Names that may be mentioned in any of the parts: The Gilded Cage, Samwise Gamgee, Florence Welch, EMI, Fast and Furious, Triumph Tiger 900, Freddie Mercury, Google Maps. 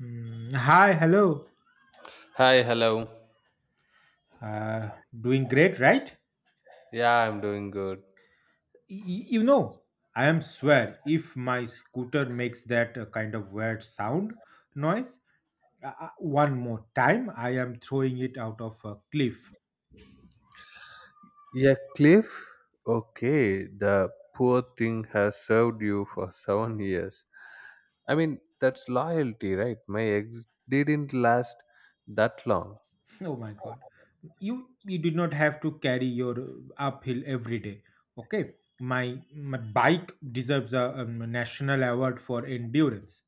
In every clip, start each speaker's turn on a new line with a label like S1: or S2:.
S1: Hi, hello.
S2: Hi, hello.
S1: Uh, Doing great, right?
S2: Yeah, I'm doing good.
S1: You know, I am swear if my scooter makes that kind of weird sound noise one more time, I am throwing it out of a cliff.
S2: Yeah, Cliff. Okay, the poor thing has served you for 7 years. I mean, that's loyalty, right? My ex didn't last that long.
S1: Oh my god. You you do not have to carry your uphill every day. Okay? My my bike deserves a national award for endurance.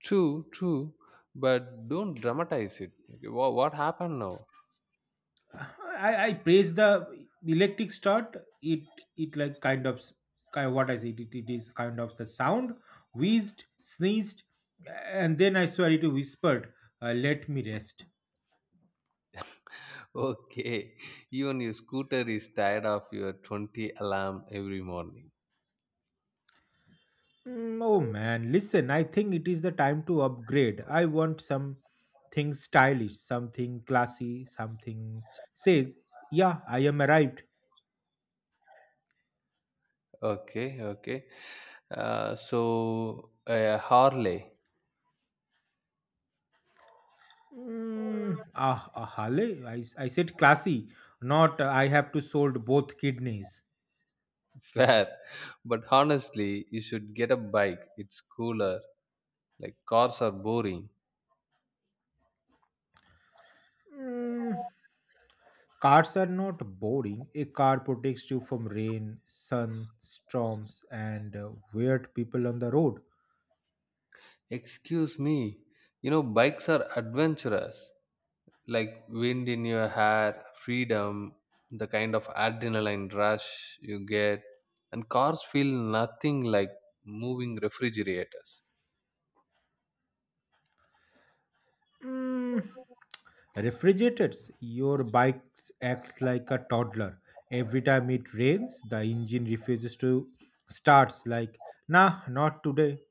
S2: True, true. But don't dramatize it. Okay, what happened now?
S1: I praise the electric start. It it like kind of what I said. It is kind of the sound, wheezed, sneezed, and then I swear it whispered, "Let me rest."
S2: Okay, even your scooter is tired of your 20 alarm every morning.
S1: Oh man, listen. I think it is the time to upgrade. I want something stylish, something classy, something says, "Yeah, I am arrived."
S2: Okay, okay. So, Harley.
S1: Hale, I said classy, not I have to sold both kidneys.
S2: Fair. But honestly, you should get a bike. It's cooler. Like cars are boring.
S1: Mm, Cars are not boring. A car protects you from rain, sun, storms, and weird people on the road.
S2: Excuse me. You know, bikes are adventurous. Like wind in your hair, freedom, the kind of adrenaline rush you get. And cars feel nothing like moving refrigerators.
S1: Mm, Refrigerators. Your bike acts like a toddler. Every time it rains, the engine refuses to starts like, nah, not today.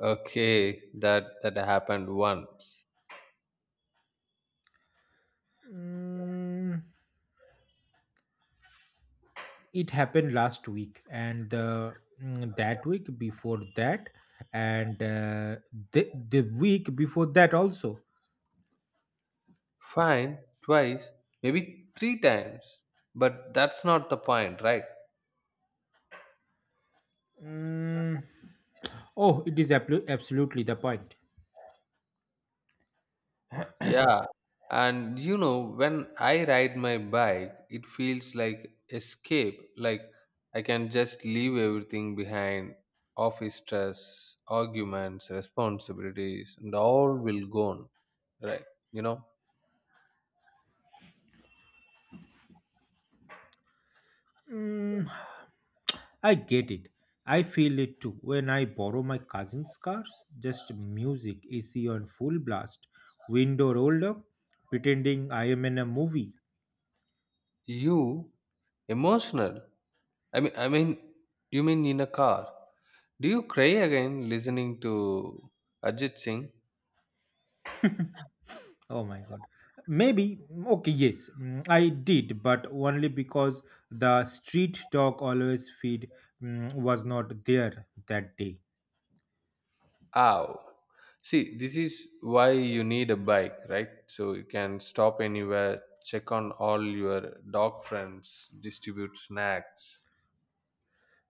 S2: Okay, that happened once.
S1: Mm, It happened last week and that week before that and the week before that also.
S2: Fine, twice, maybe three times. But that's not the point, right?
S1: Mm, oh, it is absolutely the point.
S2: Yeah, and you know, when I ride my bike, it feels like escape, like I can just leave everything behind, office stress, arguments, responsibilities, and all will gone, right? You know,
S1: Mm, I get it. I feel it too. When I borrow my cousin's cars, just music, AC on full blast, window rolled up, pretending I am in a movie.
S2: you emotional. I mean, you mean in a car. Do you cry again listening to Ajit Singh?
S1: Oh my god. Maybe, okay, yes, I did, but only because the street dog always feed was not there that day.
S2: Ow. See, this is why you need a bike, right? So you can stop anywhere, check on all your dog friends, distribute snacks.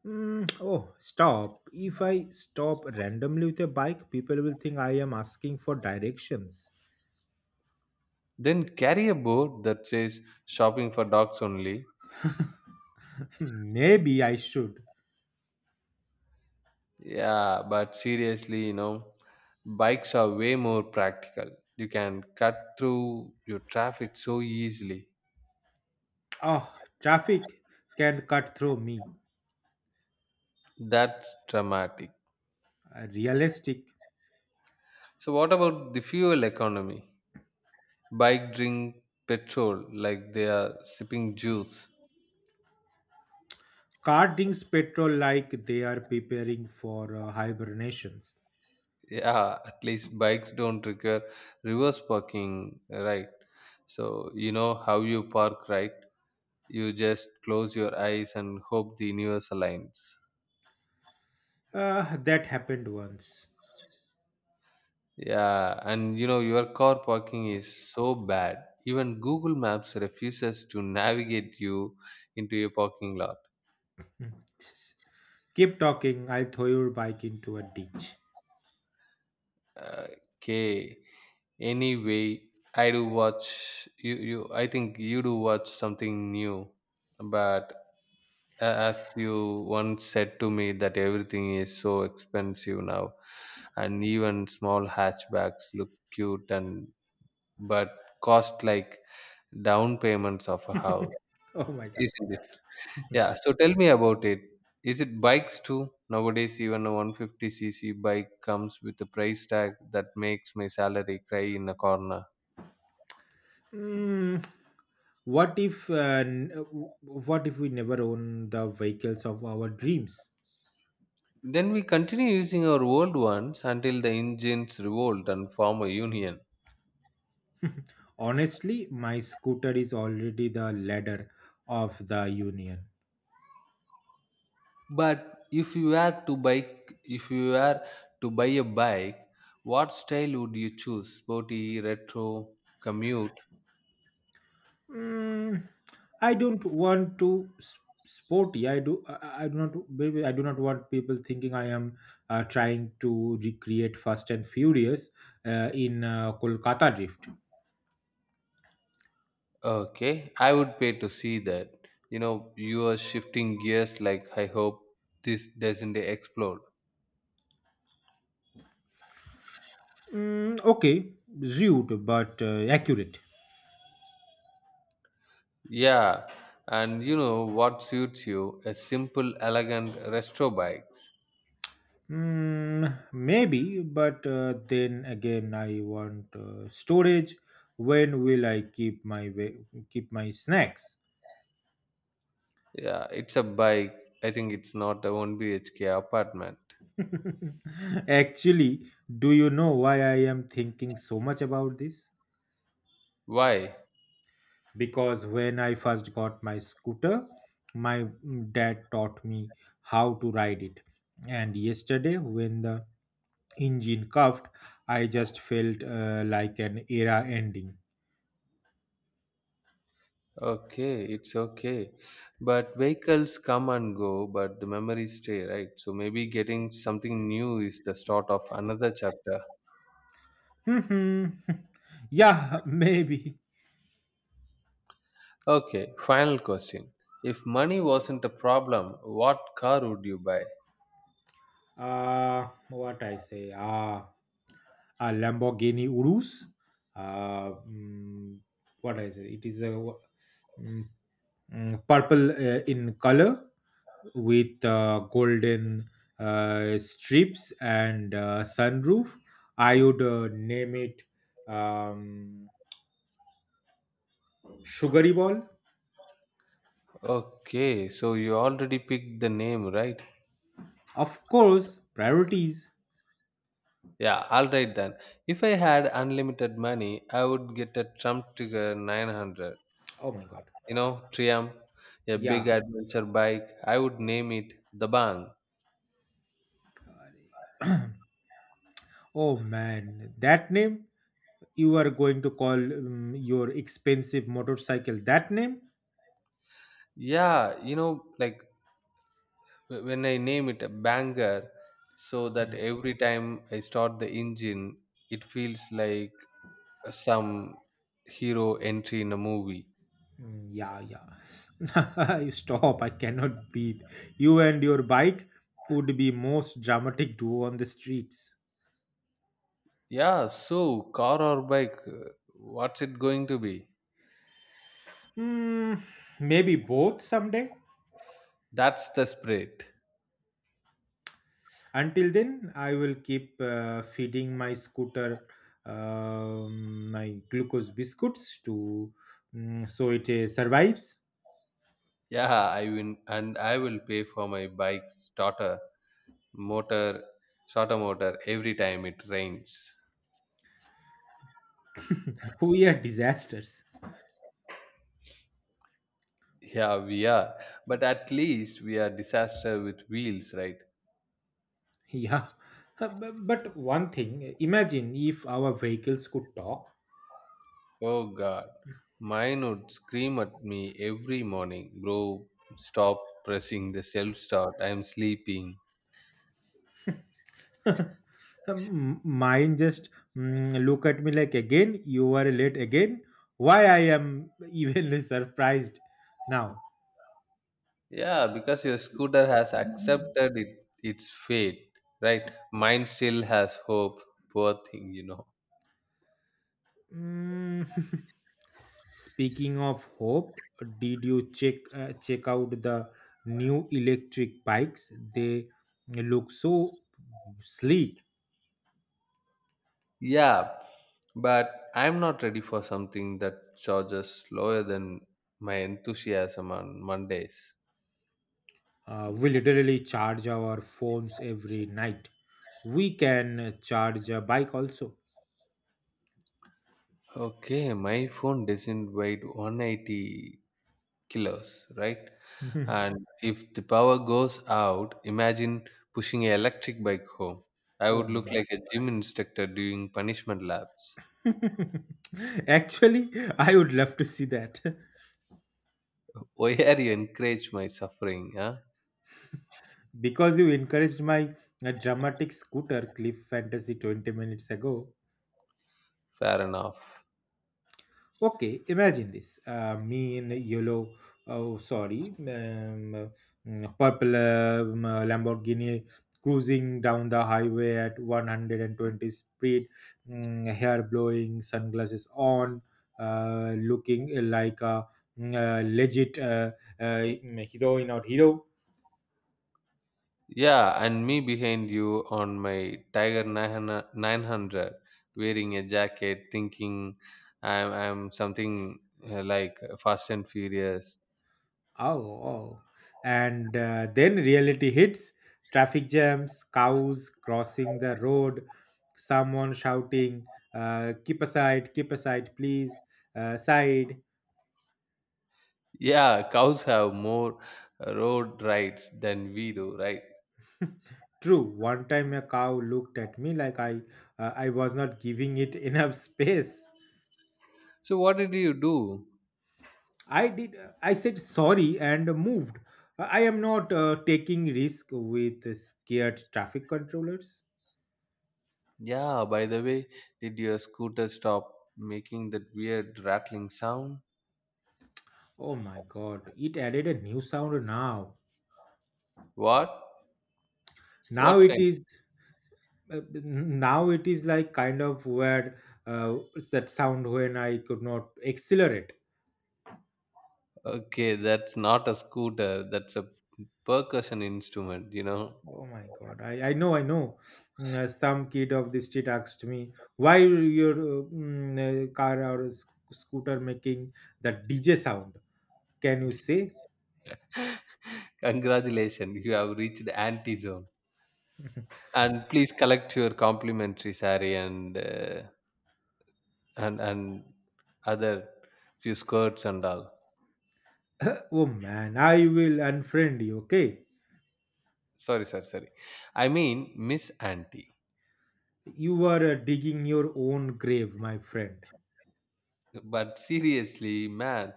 S1: Oh, stop. If I stop randomly with a bike, people will think I am asking for directions.
S2: Then carry a board that says shopping for dogs only.
S1: Maybe I should.
S2: Yeah, but seriously, you know, bikes are way more practical. You can cut through your traffic so easily.
S1: Oh, traffic can cut through me.
S2: That's dramatic.
S1: Realistic.
S2: So, what about the fuel economy? Bike drink petrol like they are sipping juice.
S1: Car drinks petrol like they are preparing for hibernations.
S2: Yeah, at least bikes don't require reverse parking, right? So you know how you park, right? You just close your eyes and hope the universe aligns.
S1: That happened once.
S2: Yeah, and you know your car parking is so bad. Even Google Maps refuses to navigate you into a parking lot.
S1: Keep talking, I'll throw your bike into a ditch.
S2: Uh, Okay, anyway, I do watch you. I think you do watch something new, but a- as you once said to me that everything is so expensive now, and even small hatchbacks look cute and but cost like down payments of a house,
S1: Oh my god.
S2: isn't it? Yeah. So tell me about it. Is it bikes too? Nowadays, even a 150cc bike comes with a price tag that makes my salary cry in a corner.
S1: Mm, what if n- uh, w- what if we never own the vehicles of our dreams?
S2: Then we continue using our old ones until the engines revolt and form a union.
S1: Honestly, my scooter is already the ladder of the union.
S2: But if you were to bike, if you were to buy a bike, what style would you choose? Sporty, retro, commute?
S1: Mm, I don't want to sporty. I do. I do not. Maybe I do not want people thinking I am trying to recreate Fast and Furious in Kolkata drift.
S2: Okay, I would pay to see that. You know, you are shifting gears. Like I hope this doesn't explode.
S1: Okay, rude but accurate.
S2: Yeah, and you know what suits you? A simple, elegant retro bike.
S1: Maybe, but then again, I want storage. When will I keep my snacks?
S2: Yeah, it's a bike. I think it's not a 1 BHK apartment.
S1: Actually, do you know why I am thinking so much about this?
S2: Why?
S1: Because when I first got my scooter, my dad taught me how to ride it. And yesterday, when the engine coughed, I just felt like an era ending.
S2: Okay, it's okay. But vehicles come and go, but the memories stay, right? So maybe getting something new is the start of another chapter.
S1: Hmm. Yeah, maybe.
S2: Okay, final question. If money wasn't a problem, what car would you buy?
S1: What I say? A Lamborghini Urus. Uh, mm, what I say? It is a mm, purple in color with golden strips and sunroof. I would name it um, Sugary Ball.
S2: Okay, so you already picked the name, right?
S1: Of course, priorities.
S2: Yeah, alright then. If I had unlimited money, I would get a Trump Tiger 900.
S1: Oh my god.
S2: You know, Triumph, a big
S1: Yeah.
S2: adventure bike. I would name it the Bang.
S1: Oh man, that name, you are going to call your expensive motorcycle that name.
S2: Yeah, you know, like when I name it a banger, so that
S1: Mm,
S2: every time I start the engine, it feels like some hero entry in a movie.
S1: yeah, yeah. You stop, I cannot breathe. You and your bike would be most dramatic duo on the streets.
S2: Yeah, so car or bike, what's it going to be?
S1: Mm, maybe both someday.
S2: That's the spirit.
S1: Until then I will keep feeding my scooter my glucose biscuits to so it survives.
S2: Yeah, I win, and I will pay for my bike motor, starter motor every time it rains.
S1: We are disasters.
S2: Yeah, we are. But at least we are disaster with wheels, right?
S1: Yeah. But one thing, imagine if our vehicles could talk.
S2: Oh God, mine would scream at me every morning, bro. Stop pressing the self start. I'm sleeping.
S1: Mine just look at me like, again, you are late again. Why I am even surprised now.
S2: Yeah, because your scooter has accepted it, its fate, right? Mine still has hope. Poor thing, you know.
S1: Mm, Speaking of hope, did you check out the new electric bikes? They look so sleek.
S2: Yeah, but I'm not ready for something that charges slower than my enthusiasm on Mondays.
S1: We literally charge our phones every night. We can charge a bike also.
S2: Okay, my phone doesn't weigh 180 kilos, right?
S1: Oh
S2: And if the power goes out, imagine pushing an electric bike home. I would look
S1: my
S2: like a gym instructor doing punishment laps.
S1: god. Actually, I would love to see that.
S2: Why are you encourage my suffering, huh?
S1: Because you encouraged my dramatic scooter clip fantasy 20 minutes ago.
S2: Fair enough.
S1: Okay, imagine this. Me in a yellow, oh sorry, purple Lamborghini cruising down the highway at 120 speed, hair blowing, sunglasses on, looking like a legit uh, heroine or hero.
S2: Yeah, and me behind you on my Tiger 900 900, wearing a jacket, thinking I'm something like Fast and Furious.
S1: Oh, oh. And then reality hits, traffic jams, cows crossing the road, someone shouting, keep aside, please, side.
S2: Yeah, cows have more road rights than we do, right?
S1: True, one time a cow looked at me like I was not giving it enough space.
S2: So what did you do?
S1: I did. I said sorry and moved. I am not taking risk with scared traffic controllers.
S2: Yeah, by the way, did your scooter stop making that weird rattling sound?
S1: Oh my god! It added a new sound now.
S2: What?
S1: Now
S2: What
S1: it
S2: kind?
S1: is. Now it is like kind of weird. What's that sound when I could not accelerate.
S2: Okay, that's not a scooter. That's a percussion instrument, you know.
S1: Oh my god, I know, I know. Some kid of the street asked me why your car or scooter making that DJ sound, can you say?
S2: Congratulations, you have reached anti zone. And please collect your complimentary sari and and and other few skirts and all.
S1: Oh man, I will unfriend you, okay.
S2: Sorry, sorry, sorry. I mean Miss Auntie.
S1: You are digging your own grave, my friend.
S2: But seriously, man,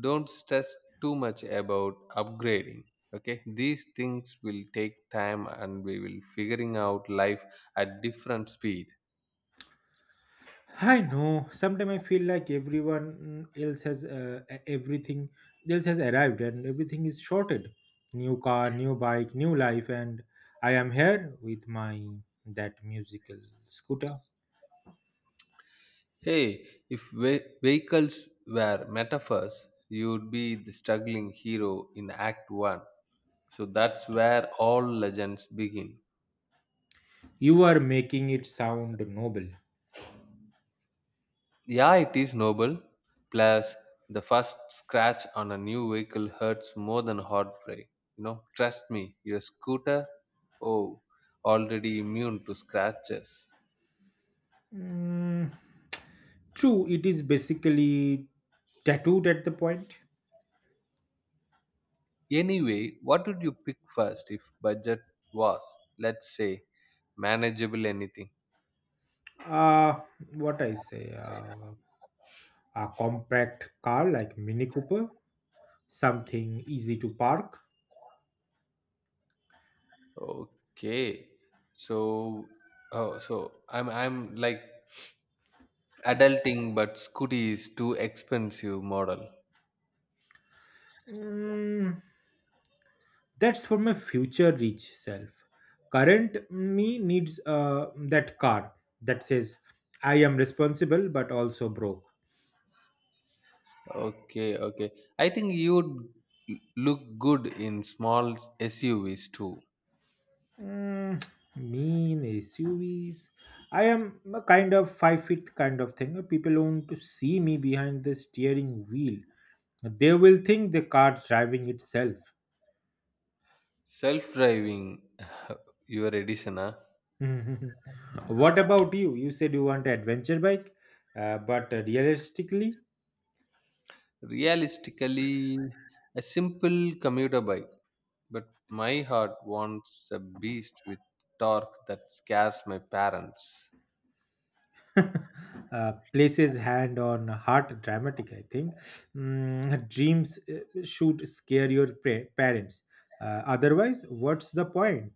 S2: don't stress too much about upgrading. Okay, these things will take time, and we will figuring out life at different speed.
S1: I know. Sometimes I feel like everyone else has everything else has arrived and everything is shorted. New car, new bike, new life, and I am here with my that musical scooter.
S2: Hey, if vehicles were metaphors, you would be the struggling hero in Act One. So that's where all legends begin.
S1: You are making it sound noble.
S2: Yeah, it is noble. Plus, the first scratch on a new vehicle hurts more than heartbreak. You know, trust me, your scooter, oh, already immune to scratches.
S1: Mm, True, it is basically tattooed at the point.
S2: Anyway, what would you pick first if budget was, let's say, manageable anything?
S1: Uh, what I say? A compact car like Mini Cooper, something easy to park.
S2: Okay, so oh, so I'm like adulting, but Scooty is too expensive model.
S1: Mm, That's for my future rich self. Current me needs that card that says, I am responsible but also broke.
S2: Okay, okay. I think you'd look good in small SUVs too.
S1: Mm, mean SUVs. I am a kind of 5 feet kind of thing. People want to see me behind the steering wheel. They will think the car driving itself.
S2: Self-driving, your edition, huh?
S1: What about you? You said you want an adventure bike, but realistically,
S2: Realistically, a simple commuter bike, but my heart wants a beast with torque that scares my parents.
S1: places hand on heart dramatic I think. Dreams should parents. Otherwise what's the point.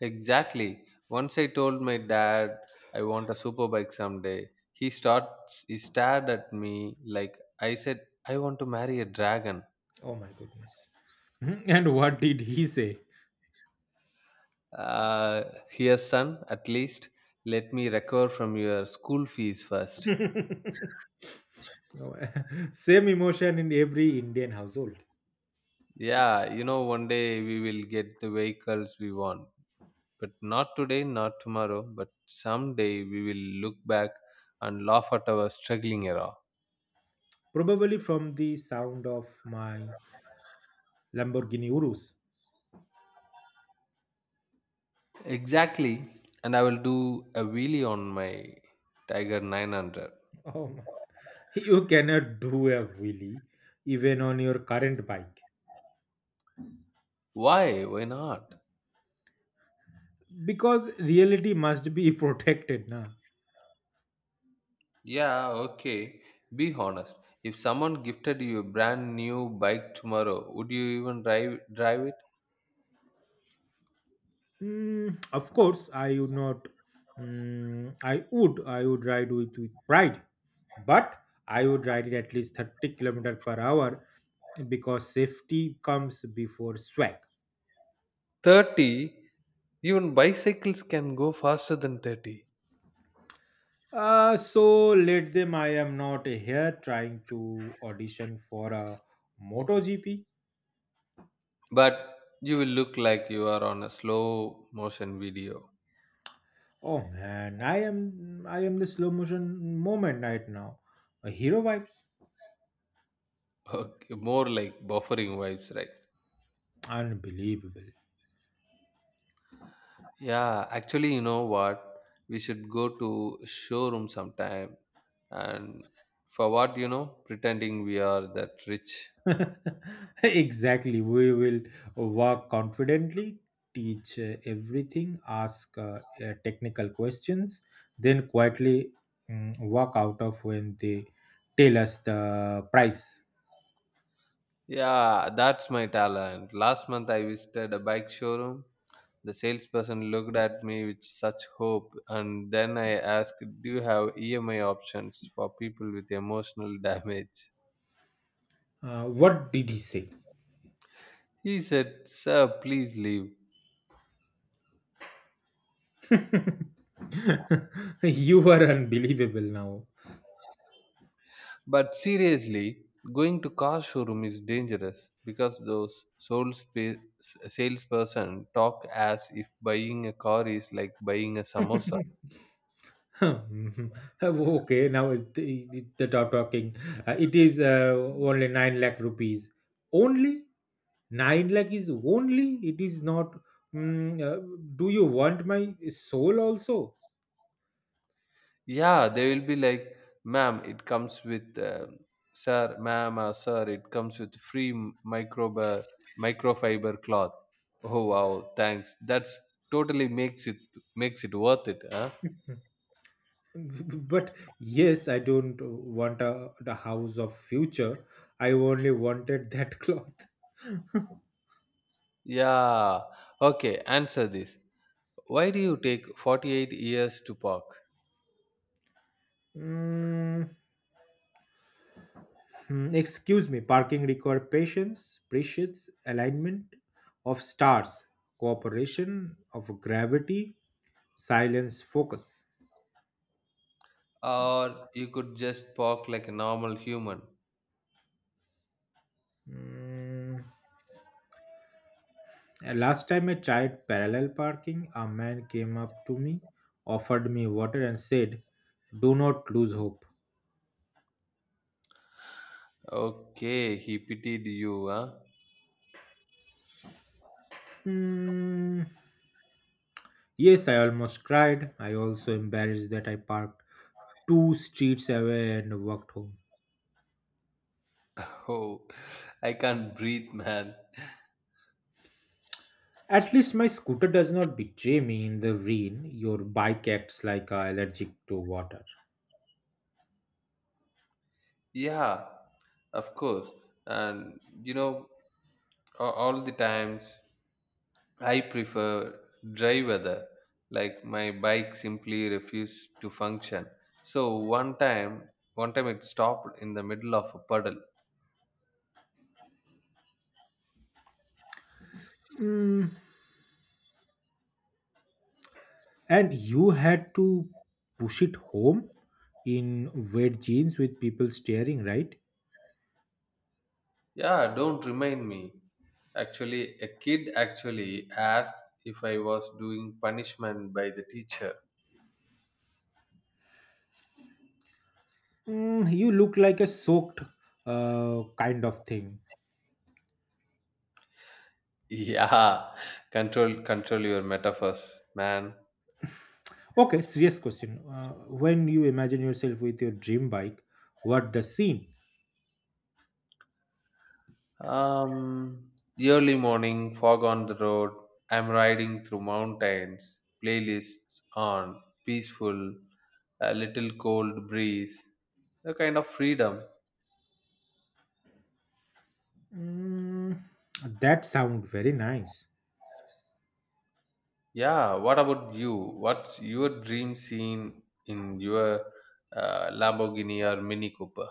S2: Exactly. Once I told my dad I want a super bike someday, he stared at me like I said I want to marry a dragon.
S1: Oh my goodness. Mhm. And what did he say?
S2: Uh, Here, son, at least let me recover from your school fees first.
S1: Oh. Same emotion in every Indian household.
S2: Yeah, you know, one day we will get the vehicles we want, but not today, not tomorrow, but someday we will look back and laugh at our struggling era.
S1: Probably from the sound of my Lamborghini Urus.
S2: Exactly, and I will do a wheelie on my Tiger 900.
S1: Oh my. You cannot do a wheelie even on your current bike.
S2: Why? Why not?
S1: Because reality must be protected na.
S2: Yeah, okay. Be honest. If someone gifted you a brand new bike tomorrow, would you even drive
S1: Of course I would not. I would ride with pride, but I would ride it at least 30 kilometer per hour, because safety comes before swag.
S2: 30? Even bicycles can go faster than 30.
S1: Uh, so let them, I am not here trying to audition for a MotoGP.
S2: But you will look like you are on a slow motion video.
S1: Oh man, I am, I am the slow motion moment right now, a hero vibes.
S2: Okay, more like buffering vibes, right?
S1: Unbelievable.
S2: Yeah, actually, you know what, we should go to showroom sometime, and for what, you know, pretending we are that rich.
S1: Exactly. We will walk confidently, teach everything, ask technical questions, then quietly walk out of when they tell us the price.
S2: Yeah, that's my talent. Last month I visited a bike showroom. The salesperson looked at me with such hope, and then I asked, do you have EMI options for people with emotional damage?
S1: What did he say?
S2: He said, sir, please leave.
S1: You are unbelievable now.
S2: But seriously, going to car showroom is dangerous because those soul salesperson talk as if buying a car is like buying a samosa.
S1: Hmm. Okay, now the talking. It is only 9 lakh rupees. Only? 9 lakh is only, it is not mm, uh, do you want my soul also?
S2: Yeah, they will be like, ma'am, it comes with, sir, ma'am, or sir, it comes with free microfiber cloth. Oh wow, thanks. That's totally makes it worth it, huh?
S1: But yes, I don't want a the house of future, I only wanted that cloth.
S2: Yeah. Okay, answer this. Why do you take 48 years to park?
S1: Mm, Excuse me, parking require patience, precious alignment of stars, cooperation of gravity, silence focus.
S2: Or you could just park like a normal human.
S1: Mm, Last time I tried parallel parking, a man came up to me, offered me water, and said, do not lose hope.
S2: Okay, he pitied you, huh?
S1: Hmm. Yes, I almost cried. I also embarrassed that I parked two streets away and walked home.
S2: Oh, I can't breathe, man.
S1: At least my scooter does not betray me in the rain. Your bike acts like a allergic to water.
S2: Yeah, of course, and you know, all the times I prefer dry weather, like my bike simply refused to function. So one time it stopped in the middle of a puddle.
S1: Mm. And you had to push it home in wet jeans with people staring, right?
S2: Yeah, don't remind me. Actually, a kid actually asked if I was doing punishment by the teacher.
S1: You look like a soaked kind of thing.
S2: Yeah, control your metaphors, man.
S1: Okay, serious question. When you imagine yourself with your dream bike, what the scene?
S2: Um, early morning, fog on the road. I'm riding through mountains. Playlists on, peaceful, a little cold breeze, a kind of freedom.
S1: Mm, that sound very nice.
S2: Yeah. What about you? What's your dream scene in your Lamborghini or Mini Cooper?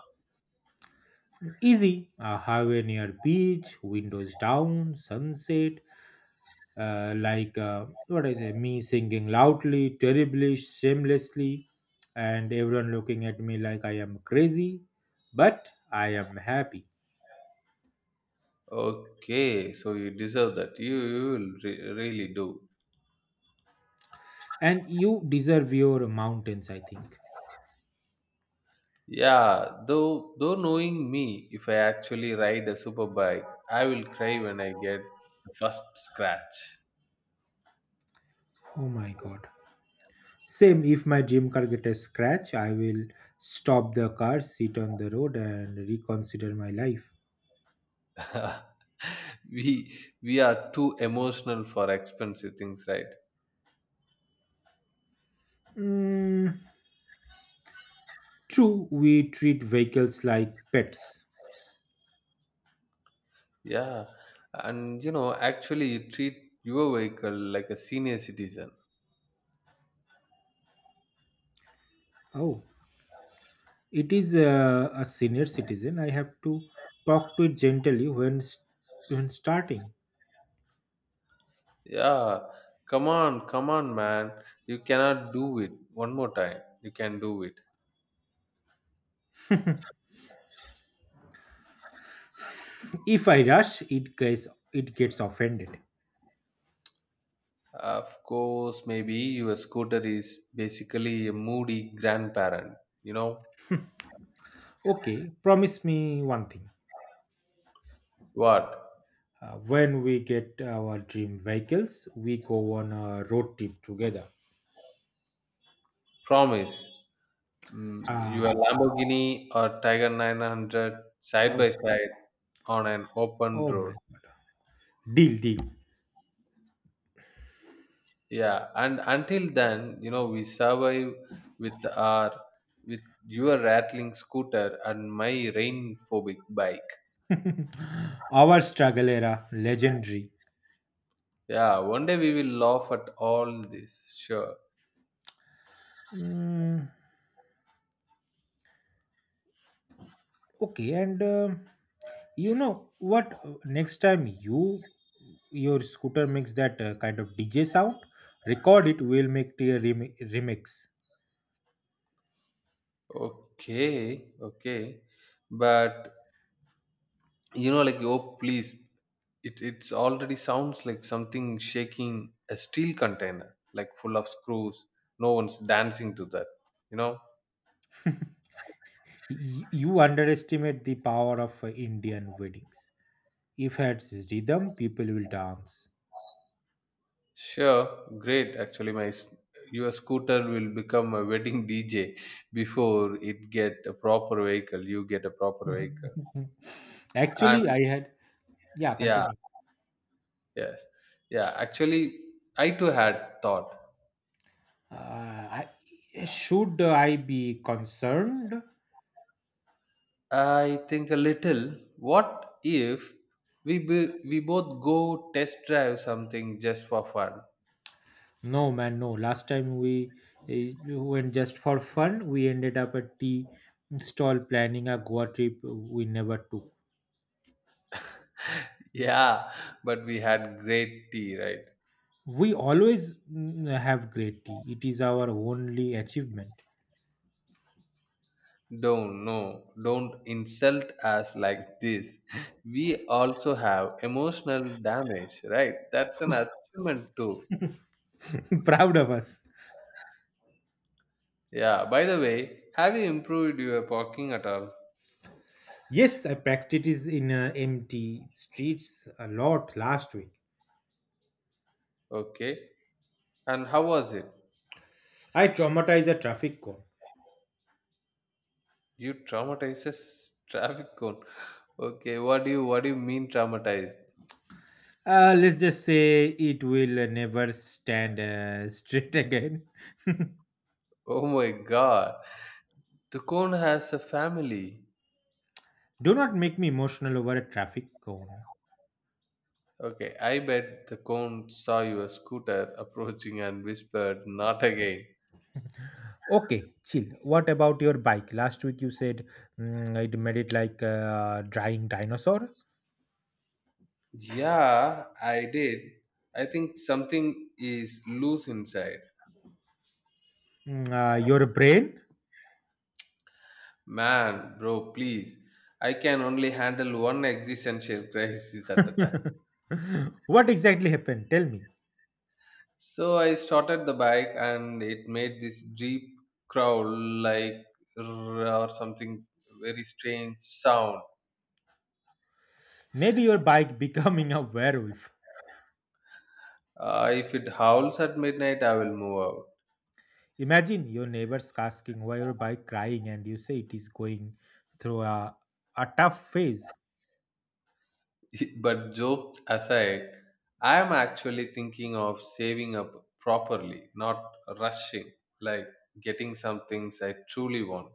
S1: Easy. A highway near beach, windows down, sunset. Like what I say, me singing loudly, terribly, shamelessly, and everyone looking at me like I am crazy, but I am happy.
S2: Okay, so you deserve that. You will really do.
S1: And you deserve your mountains I think.
S2: Yeah, though knowing me, if I actually ride a super bike, I will cry when I get the first scratch.
S1: Oh my god, same if my dream car get a scratch, I will stop the car, sit on the road and reconsider my life.
S2: We are too emotional for expensive things, right?
S1: Mm, True, we treat vehicles like pets.
S2: Yeah, and you know, actually, you treat your vehicle like a senior citizen.
S1: Oh, it is a senior citizen, I have to talk to it gently when starting.
S2: Yeah, come on, come on, man, you cannot do it. One more time, you can do it.
S1: If I rush, it gets, it gets offended.
S2: Of course, maybe your scooter is basically a moody grandparent. You know
S1: Okay, promise me one thing.
S2: what?
S1: When we get our dream vehicles, we go on a road trip together.
S2: Promise. Mm, your
S1: Uh,
S2: Lamborghini or Tiger 900 side
S1: oh,
S2: by side on an open
S1: oh
S2: road.
S1: my God. Deal, deal.
S2: Yeah, and until then, you know, we survive with our with your rattling scooter and my rain phobic bike.
S1: Our struggle era, legendary.
S2: Yeah, one day we will laugh at all this. Sure.
S1: Mm, okay, and you know what? Uh, next time your scooter makes that kind of DJ sound, record it. We'll make the remix.
S2: Okay, okay. But you know like oh please, it's already sounds like something shaking a steel container like full of screws. No one's dancing to that, you know.
S1: You underestimate the power of Indian weddings. If it's rhythm, people will dance.
S2: Sure, great. Actually your scooter will become a wedding dj before it get a proper vehicle you get a proper vehicle. And
S1: Actually, I had, yeah,
S2: yeah,
S1: continue.
S2: yes, yeah, actually, I too had thought.
S1: I, should I be concerned?
S2: I think a little. What if we both go test drive something just for fun?
S1: No, man, no. Last time we went just for fun, we ended up at tea stall planning a Goa trip we never took.
S2: Yeah, but we had great tea, right?
S1: We always have great tea. It is our only achievement.
S2: Don't no, don't insult us like this. We also have emotional damage, right? That's an achievement too.
S1: Proud of us.
S2: Yeah. By the way, have you improved your parking at all?
S1: Yes, I practiced it in empty streets a lot last week.
S2: Okay. And how was it?
S1: I traumatized a traffic cone.
S2: You traumatizes traffic cone. Okay. What do you mean traumatized?
S1: Let's just say it will never stand straight again.
S2: Oh my god, the cone has a family.
S1: Do not make me emotional over a traffic cone.
S2: Okay, I bet the cone saw your scooter approaching and whispered, not again.
S1: Okay, chill. What about your bike? Last week you said it made it like a drying dinosaur.
S2: Yeah, I did. I think something is loose inside.
S1: Your brain?
S2: Man, bro, please. I can only handle one existential crisis at a time.
S1: What exactly happened? Tell me.
S2: So I started the bike and it made this deep growl, like "rrr" or something, very strange sound.
S1: Maybe your bike becoming a werewolf.
S2: If it howls at midnight, I will move out.
S1: Imagine your neighbors asking why your bike crying and you say it is going through a tough phase.
S2: But jokes aside, I am actually thinking of saving up properly, not rushing, like getting some things I truly want.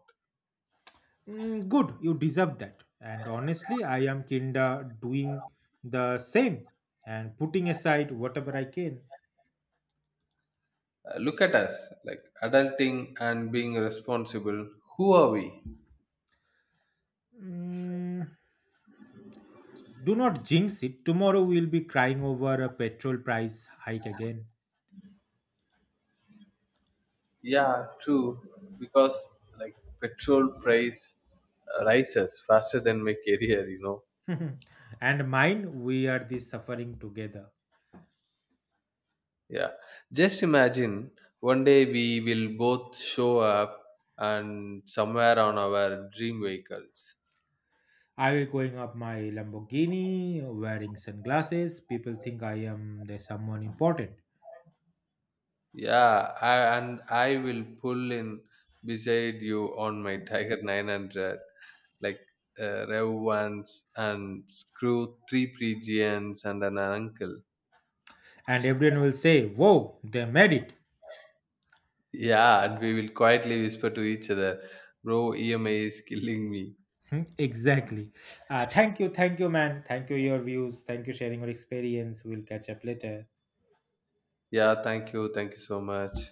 S1: Good, you deserve that. And honestly, I am kinda doing the same and putting aside whatever I can.
S2: Look at us, like adulting and being responsible. Who are we?
S1: Mm, do not jinx it. Tomorrow we'll be crying over a petrol price hike again.
S2: Yeah, true. Because like petrol price rises faster than my career, you know.
S1: And mine, we are this suffering together.
S2: Yeah. Just imagine one day we will both show up and somewhere on our dream vehicles.
S1: I will going up my Lamborghini, wearing sunglasses. People think I am the someone important,
S2: Yeah, and I will pull in beside you on my Tiger 900, like rev once and screw three pigeons and an uncle.
S1: and everyone will say, "Whoa, they made it."
S2: Yeah, and we will quietly whisper to each other, bro, EMA is killing me.
S1: Hmm, exactly. Thank you, man. Thank you your views. Thank you sharing your experience. We'll catch up later.
S2: Yeah, thank you. Thank you so much.